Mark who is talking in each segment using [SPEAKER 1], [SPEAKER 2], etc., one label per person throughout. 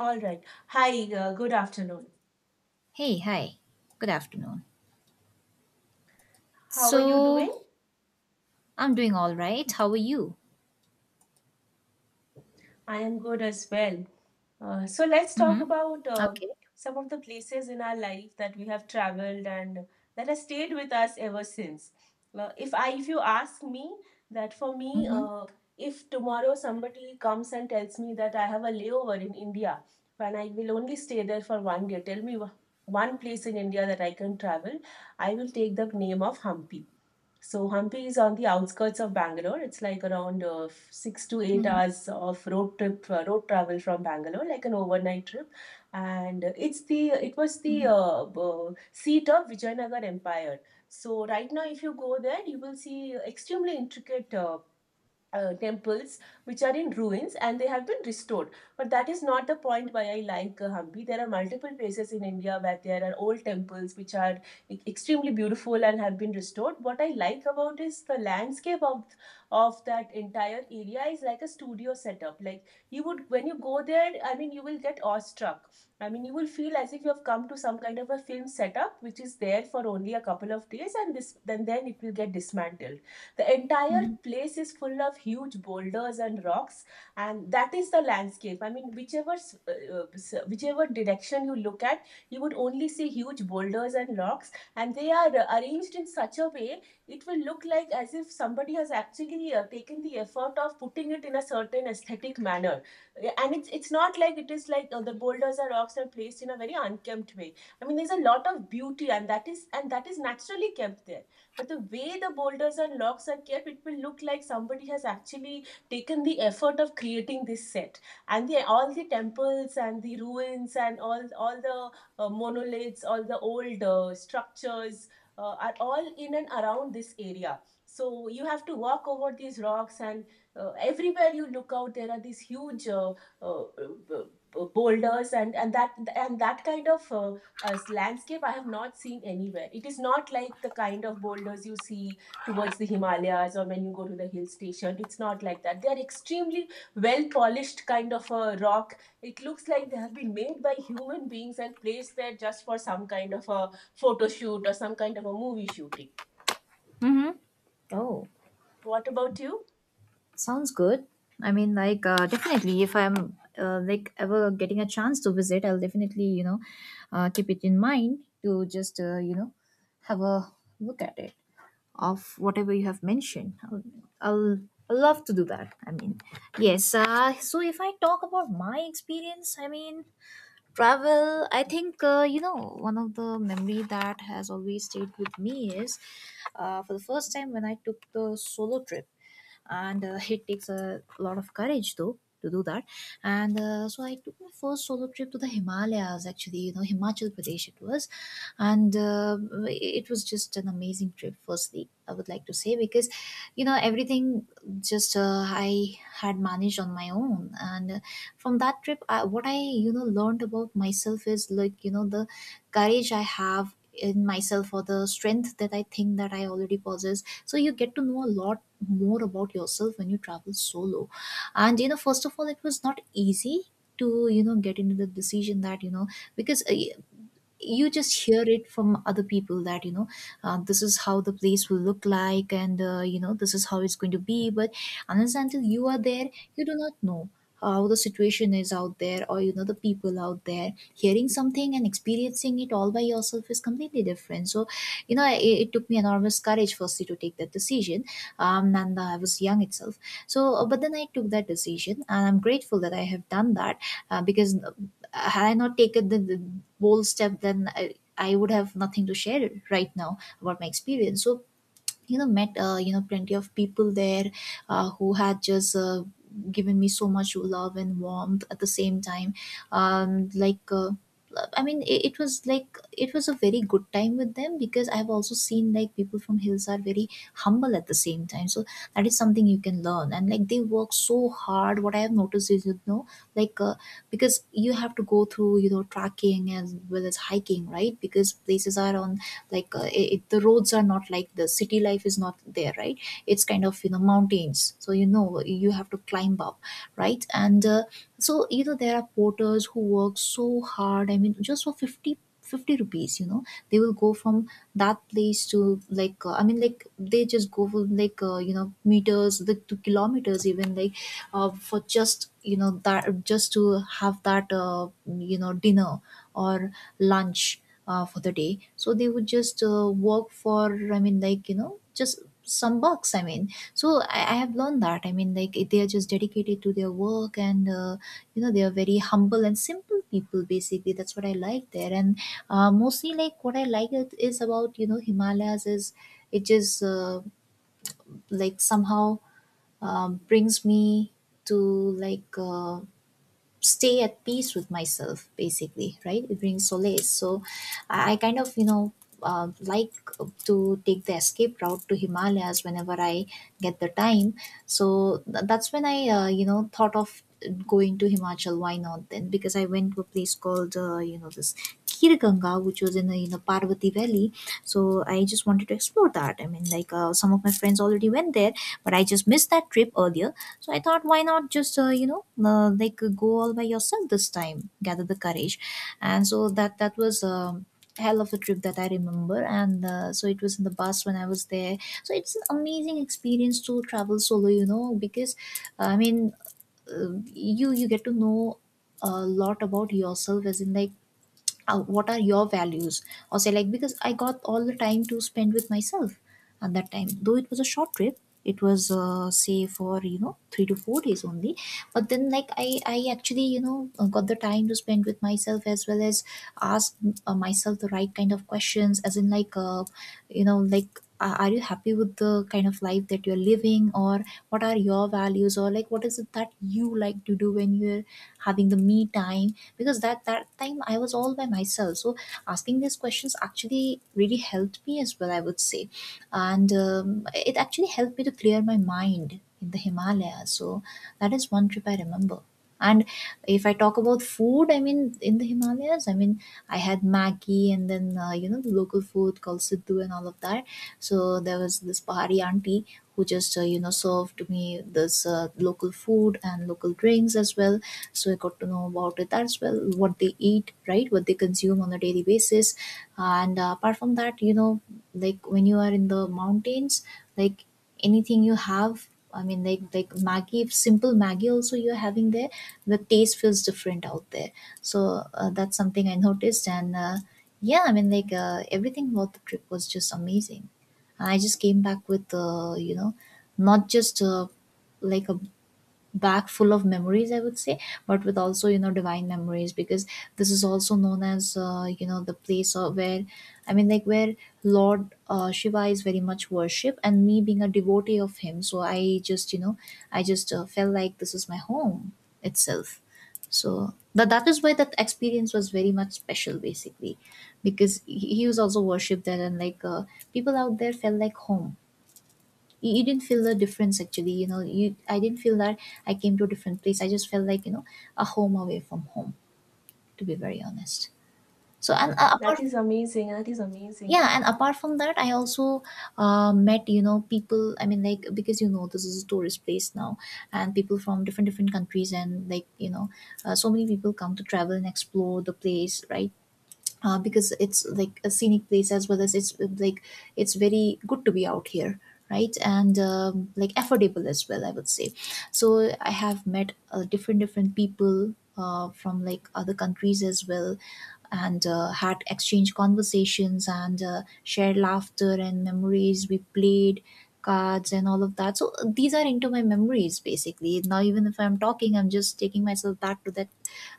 [SPEAKER 1] All right. Hi, good afternoon.
[SPEAKER 2] Hey, hi. Good afternoon.
[SPEAKER 1] How are you
[SPEAKER 2] So,
[SPEAKER 1] doing?
[SPEAKER 2] I'm doing all right. How are you?
[SPEAKER 1] I am good as well. So let's talk
[SPEAKER 2] Mm-hmm.
[SPEAKER 1] about
[SPEAKER 2] Okay.
[SPEAKER 1] some of the places in our life that we have traveled and that has stayed with us ever since. If you ask me that for me,
[SPEAKER 2] Mm-hmm.
[SPEAKER 1] if tomorrow somebody comes and tells me that I have a layover in India and I will only stay there for 1 day, tell me one place in India that I can travel, I will take the name of Hampi. So Hampi is on the outskirts of Bangalore. It's like around six to eight
[SPEAKER 2] Mm-hmm.
[SPEAKER 1] hours of road trip, road travel from Bangalore, like an overnight trip. And it's the it was the
[SPEAKER 2] Mm-hmm.
[SPEAKER 1] uh, b- seat of Vijayanagar Empire. So right now, if you go there, you will see extremely intricate temples which are in ruins and they have been restored. But that is not the point why I like Hampi. There are multiple places in India where there are old temples which are extremely beautiful and have been restored. What I like about is the landscape of that entire area is like a studio setup. Like you would when you go there, I mean you will get awestruck. I mean you will feel as if you have come to some kind of a film setup which is there for only a couple of days and this then it will get dismantled. The entire
[SPEAKER 2] Mm-hmm.
[SPEAKER 1] place is full of huge boulders and rocks, and that is the landscape. I mean, whichever uh, whichever direction you look at, you would only see huge boulders and rocks, and they are arranged in such a way it will look like as if somebody has actually taken the effort of putting it in a certain aesthetic manner. And it's not like it is like the boulders or rocks are placed in a very unkempt way. I mean, there's a lot of beauty, and that is naturally kept there. But the way the boulders and logs are kept, it will look like somebody has actually taken the effort of creating this set. And all the temples and the ruins and all the monoliths, all the old structures are all in and around this area. So you have to walk over these rocks, and everywhere you look out, there are these huge uh, b- boulders, and that kind of landscape I have not seen anywhere. It is not like the kind of boulders you see towards the Himalayas or when you go to the hill station. It's not like that. They are extremely well polished kind of a rock. It looks like they have been made by human beings and placed there just for some kind of a photo shoot or some kind of a movie shooting.
[SPEAKER 2] Mm-hmm. Oh,
[SPEAKER 1] What about you?
[SPEAKER 2] sounds good. I mean, like, definitely, if I'm like ever getting a chance to visit, I'll definitely, keep it in mind to just, have a look at it of whatever you have mentioned. I'll I'll love to do that. I mean, yes. So if I talk about my experience, I mean, travel I think you know, one of the memory that has always stayed with me is for the first time when I took the solo trip, and it takes a lot of courage though to do that. And so I took my first solo trip to the Himalayas, actually, you know, Himachal Pradesh it was. And it was just an amazing trip, firstly I would like to say, because you know everything just I had managed on my own. And from that trip, what I, you know, learned about myself is like, you know, the courage I have in myself, or the strength that I think that I already possess. So you get to know a lot more about yourself when you travel solo. And you know, first of all, it was not easy to, you know, get into the decision that, you know, because you just hear it from other people that, you know, this is how the place will look like, and you know, this is how it's going to be. But unless and until you are there, you do not know how the situation is out there, or you know, the people out there. Hearing something and experiencing it all by yourself is completely different. So you know, it took me enormous courage firstly to take that decision. Um, and I was young itself. So but then I took that decision, and I'm grateful that I have done that. Because had I not taken the bold step, then I would have nothing to share right now about my experience. So you know, met you know, plenty of people there, who had just given me so much love and warmth at the same time. Um, I mean, it was like, it was a very good time with them, because I've also seen like people from hills are very humble at the same time. So that is something you can learn, and like they work so hard. What I have noticed is, you know, like uh, because you have to go through, you know, tracking as well as hiking, right? Because places are on, it, the roads are not like, the city life is not there, right? It's kind of, you know, mountains, so you know, you have to climb up, right? And so you know, there are porters who work so hard, I mean, just for fifty rupees, you know. They will go from that place to I mean, like they just go for you know, meters, to kilometers even, for just, you know, that just to have that you know, dinner or lunch for the day. So they would just work for, I mean, like you know, just some bucks, I mean. So I have learned that, I mean, like they are just dedicated to their work. And you know, they are very humble and simple people basically. That's what I like there. And mostly, like what I like it is about, you know, Himalayas is, it just like somehow, brings me to stay at peace with myself basically, right? It brings solace. So I kind of, you know, like to take the escape route to Himalayas whenever I get the time. So that's when I you know, thought of going to Himachal, why not then. Because I went to a place called you know, this Kirganga, which was in the, you know, Parvati Valley. So I just wanted to explore that. I mean, some of my friends already went there, but I just missed that trip earlier. So I thought, why not just go all by yourself this time, gather the courage. And so that that was a hell of a trip that I remember. And so it was in the bus when I was there. So it's an amazing experience to travel solo, you know, because I mean, uh, you get to know a lot about yourself, as in like, what are your values, or say, like, because I got all the time to spend with myself at that time. Though it was a short trip, it was say for, you know, 3 to 4 days only. But then, like, I actually, you know, got the time to spend with myself, as well as ask myself the right kind of questions, as in like, you know like are you happy with the kind of life that you're living, or what are your values, or like what is it that you like to do when you're having the me time. Because that time I was all by myself. So asking these questions actually really helped me as well, I would say. And it actually helped me to clear my mind in the Himalayas. So that is one trip I remember. And if I talk about food, I mean, in the Himalayas, I mean, I had Maggi, and then, the local food called Siddu and all of that. So there was this Pahari auntie who just, served me this local food and local drinks as well. So I got to know about it as well, what they eat, right? What they consume on a daily basis. And apart from that, you know, like when you are in the mountains, like, anything you have, I mean, like Maggi, simple Maggi also you're having there, the taste feels different out there. So that's something I noticed. And yeah, I mean, everything about the trip was just amazing. I just came back with, not just like a back full of memories, I would say, but with also, you know, divine memories. Because this is also known as, you know, the place of where, I mean, like, where Lord Shiva is very much worship, and me being a devotee of him, so I just, you know, I just felt like this is my home itself. So, but that is why that experience was very much special basically. Because he was also worshipped there. And people out there felt like home. You didn't feel the difference actually, you know, you I didn't feel that I came to a different place. I just felt like, you know, a home away from home, to be very honest. So, and Right.
[SPEAKER 1] That
[SPEAKER 2] Apart,
[SPEAKER 1] is amazing. That is amazing.
[SPEAKER 2] yeah, and apart from that, I also met, you know, people, I mean, like, because you know, this is a tourist place now, and people from different countries, and like, you know, so many people come to travel and explore the place, right? Because it's like a scenic place, as well as it's it's very good to be out here, right? And like, affordable as well, I would say. So I have met different people from like other countries as well. And had exchange conversations, and shared laughter and memories. We played cards and all of that. So these are into my memories basically. Now even if I'm talking, I'm just taking myself back to that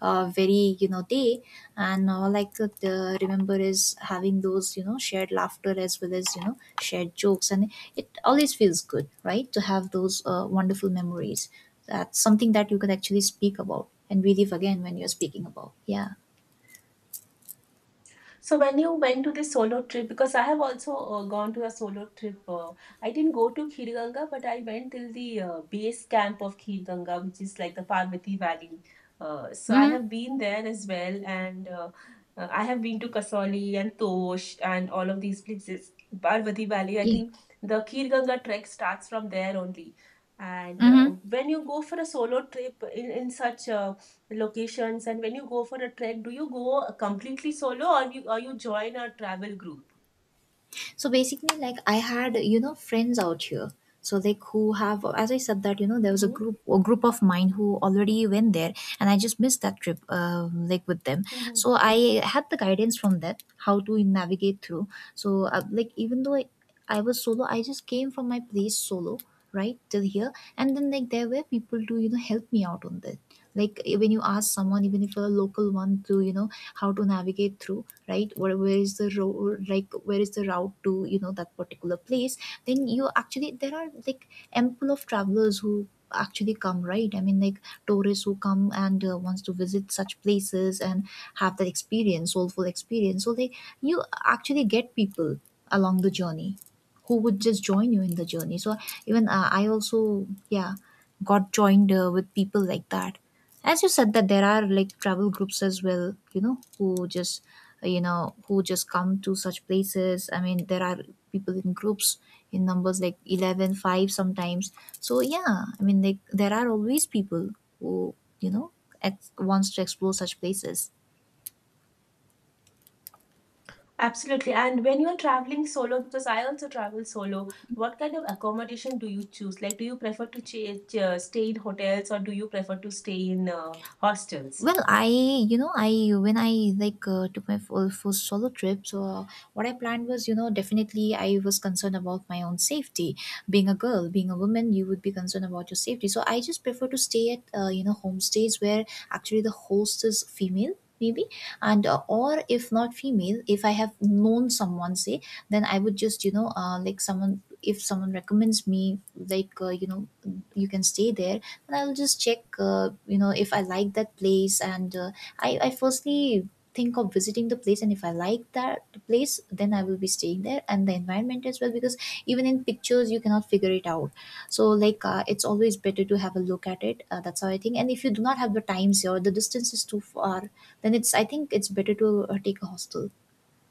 [SPEAKER 2] very, you know, day. And all I could remember is having those, you know, shared laughter, as well as, you know, shared jokes. And it always feels good, right, to have those wonderful memories. That's something that you can actually speak about and relive again when you're speaking about. Yeah.
[SPEAKER 1] So when you went to this solo trip, because I have also gone to a solo trip. I didn't go to Khir Ganga, but I went till the base camp of Khir Ganga, which is like the Parvati Valley. So I
[SPEAKER 2] Mhm.
[SPEAKER 1] have been there as well, and I have been to Kasoli and Tosh and all of these places. Parvati Valley, I
[SPEAKER 2] Yeah.
[SPEAKER 1] think the Khir Ganga trek starts from there only. And
[SPEAKER 2] Mm-hmm.
[SPEAKER 1] when you go for a solo trip in such a locations and when you go for a trek, do you go completely solo or you join a travel group?
[SPEAKER 2] So basically, like, I had, you know, friends out here. So like, who have, as I said that, you know, there was
[SPEAKER 1] Hmm.
[SPEAKER 2] a group of mine who already went there, and I just missed that trip, like, with them.
[SPEAKER 1] Hmm.
[SPEAKER 2] So I had the guidance from that, how to navigate through. So like, even though I was solo, I just came from my place solo right till here, and then like there were people to, you know, help me out on this. Like when you ask someone even if you're a local one to how to navigate through, right? Where is the road, like where is the route to that particular place? Then you actually, there are like ample of travelers who actually come, right? I mean, like tourists who come and wants to visit such places and have that experience, soulful experience, so they, you actually get people along the journey who would just join you in the journey. So even I also, yeah, got joined with people like that. As you said, that there are like travel groups as well, who just, who just come to such places. I mean, there are people in groups in numbers like 11, 5 sometimes. So yeah, I mean, like there are always people who, you know, wants to explore such places.
[SPEAKER 1] Absolutely. And when you're traveling solo, because I also travel solo, what kind of accommodation do you choose? Like, do you prefer to stay in hotels or do you prefer to stay in hostels?
[SPEAKER 2] Well, I, you know, I, when I, like, took my full first solo trip, so what I planned was, definitely I was concerned about my own safety. Being a girl, being a woman, you would be concerned about your safety. So I just prefer to stay at, homestays where actually the host is female. Maybe, and or if not female, if I have known someone, say, then I would just like, someone — if someone recommends me, like, you can stay there, and I'll just check, if I like that place. And I firstly think of visiting the place, and if I like that place, then I will be staying there, and the environment as well, because even in pictures, you cannot figure it out. So, like, it's always better to have a look at it. That's how I think. And if you do not have the times here, the distance is too far, then it's, I think it's better to take a hostel,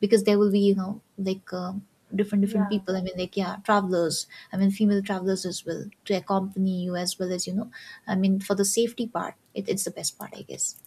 [SPEAKER 2] because there will be, like, different different
[SPEAKER 1] Yeah.
[SPEAKER 2] people, I mean, like, yeah, travelers, I mean, female travelers as well, to accompany you, as well as, I mean, for the safety part, it's the best part, I guess.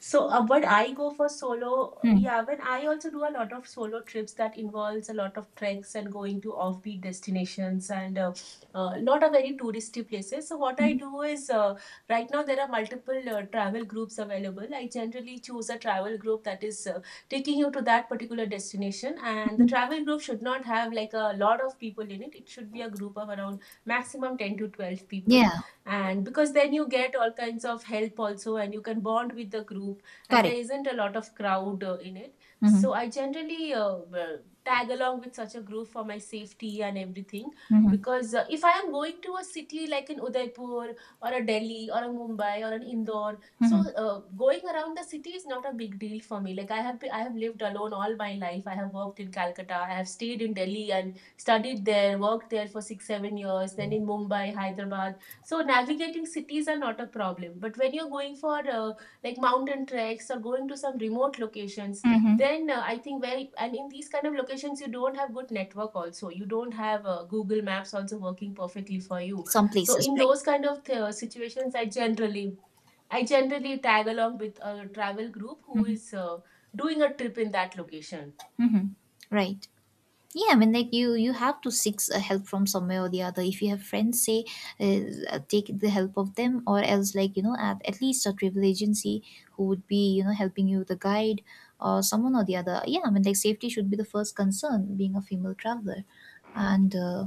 [SPEAKER 1] So when I go for solo, yeah, when I also do a lot of solo trips that involves a lot of treks and going to offbeat destinations and not a very touristy places. So what I
[SPEAKER 2] Mhm.
[SPEAKER 1] do is right now there are multiple travel groups available. I generally choose a travel group that is taking you to that particular destination, and the
[SPEAKER 2] Mhm.
[SPEAKER 1] travel group should not have like a lot of people in it. It should be a group of around maximum 10 to 12 people,
[SPEAKER 2] Yeah.
[SPEAKER 1] and because then you get all kinds of help also and you can bond with the group, and there
[SPEAKER 2] Correct.
[SPEAKER 1] isn't a lot of crowd in it.
[SPEAKER 2] Mm-hmm.
[SPEAKER 1] So I generally tag along with such a group for my safety and everything.
[SPEAKER 2] Mm-hmm.
[SPEAKER 1] Because if I am going to a city like in Udaipur or a Delhi or a Mumbai or an Indore, so
[SPEAKER 2] Mm-hmm.
[SPEAKER 1] going around the city is not a big deal for me. Like I have I have lived alone all my life. I have worked in Calcutta, I have stayed in Delhi and studied there, worked there for 6 7 years, then in Mumbai, Hyderabad. So navigating cities are not a problem, but when you're going for like mountain treks or going to some remote locations,
[SPEAKER 2] Mm-hmm.
[SPEAKER 1] then I think where and in these kind of locations you don't have good network also. You don't have Google Maps also working perfectly for you.
[SPEAKER 2] Some
[SPEAKER 1] So
[SPEAKER 2] places,
[SPEAKER 1] in
[SPEAKER 2] right.
[SPEAKER 1] those kind of situations, I generally tag along with a travel group who is doing a trip in that location.
[SPEAKER 2] Mm-hmm. Right. Yeah, I mean, like, you have to seek help from somewhere or the other. If you have friends, say, uh, take the help of them, or else, like, at least a travel agency who would be, helping you with a guide, or someone or the other. Yeah, I mean, like, safety should be the first concern, being a female traveler, and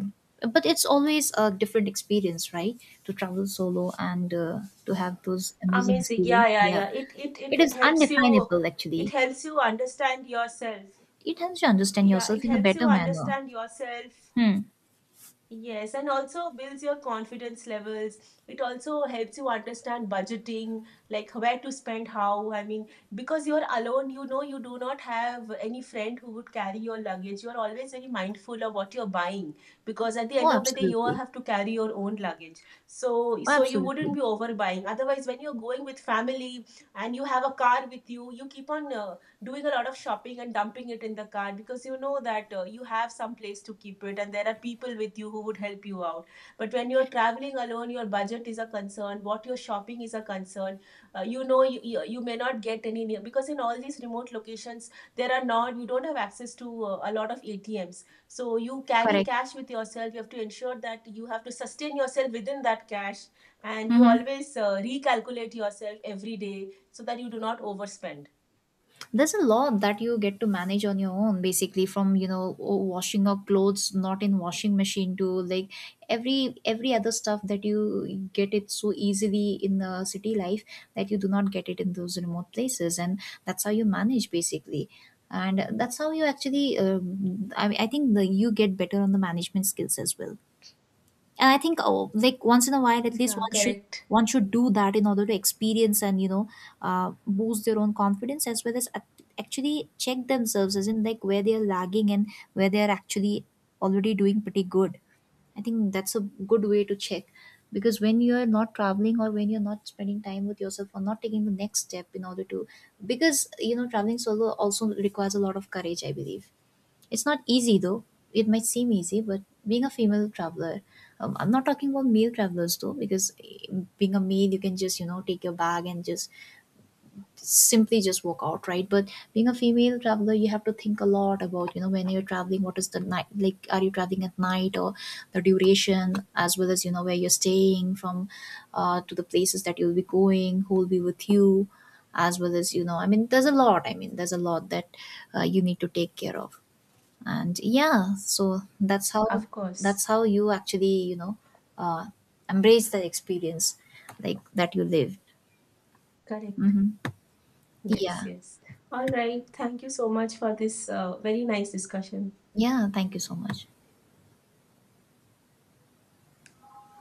[SPEAKER 2] but it's always a different experience, right, to travel solo, and to have those amazing
[SPEAKER 1] Amazing. Yeah,
[SPEAKER 2] experience.
[SPEAKER 1] yeah,
[SPEAKER 2] Yeah.
[SPEAKER 1] yeah. It it
[SPEAKER 2] It
[SPEAKER 1] it
[SPEAKER 2] is
[SPEAKER 1] helps you.
[SPEAKER 2] undefinable,
[SPEAKER 1] It
[SPEAKER 2] actually.
[SPEAKER 1] helps you understand yourself.
[SPEAKER 2] It helps you understand
[SPEAKER 1] Yeah,
[SPEAKER 2] yourself
[SPEAKER 1] it
[SPEAKER 2] in a
[SPEAKER 1] helps you
[SPEAKER 2] better manner.
[SPEAKER 1] understand yourself.
[SPEAKER 2] Hmm.
[SPEAKER 1] Yes, and also builds your confidence levels. It also helps you understand budgeting, like where to spend how. I mean, because you're alone, you know, you do not have any friend who would carry your luggage. You're always very mindful of what you're buying because at the
[SPEAKER 2] Oh,
[SPEAKER 1] end of the day, you all
[SPEAKER 2] absolutely.
[SPEAKER 1] have to carry your own luggage. So,
[SPEAKER 2] Oh,
[SPEAKER 1] so you wouldn't
[SPEAKER 2] absolutely.
[SPEAKER 1] be overbuying. Otherwise, when you're going with family and you have a car with you, you keep on doing a lot of shopping and dumping it in the cart because you know that you have some place to keep it and there are people with you who would help you out. But when you're traveling alone, your budget is a concern, what you're shopping is a concern. You may not get any near because in all these remote locations, there are not, you don't have access to a lot of ATMs. So you carry
[SPEAKER 2] Correct.
[SPEAKER 1] cash with yourself. You have to ensure that you have to sustain yourself within that cash and you
[SPEAKER 2] Mm-hmm.
[SPEAKER 1] always recalculate yourself every day so that you do not overspend.
[SPEAKER 2] There's a lot that you get to manage on your own, basically, from washing your clothes, not in washing machine, to like every other stuff that you get it so easily in the city life, that you do not get it in those remote places, and that's how you manage, basically, and that's how you actually... I mean, I think you get better on the management skills as well. And I think, oh, like, once in a while, at least
[SPEAKER 1] Yeah,
[SPEAKER 2] one should
[SPEAKER 1] correct.
[SPEAKER 2] one should do that in order to experience, and boost their own confidence, as well as actually check themselves, as in, like, where they are lagging and where they are actually already doing pretty good. I think that's a good way to check, because when you are not traveling or when you're not spending time with yourself or not taking the next step in order to, because traveling solo also requires a lot of courage, I believe. It's not easy though. It might seem easy, but being a female traveler, I'm not talking about male travelers though, because being a male, you can just, take your bag and just simply just walk out, right? But being a female traveler, you have to think a lot about, when you're traveling, what is the night, like, are you traveling at night, or the duration, as well as, where you're staying, from to the places that you'll be going, who will be with you, as well as, I mean, there's a lot. I mean, there's a lot that you need to take care of, and yeah, so that's how
[SPEAKER 1] Of
[SPEAKER 2] that's
[SPEAKER 1] course.
[SPEAKER 2] how you actually, uh, embrace the experience, like that you lived.
[SPEAKER 1] Correct.
[SPEAKER 2] Hmm. Yeah.
[SPEAKER 1] Yes, yes. All right. Thank you so much for this very nice discussion.
[SPEAKER 2] Yeah, thank you so much.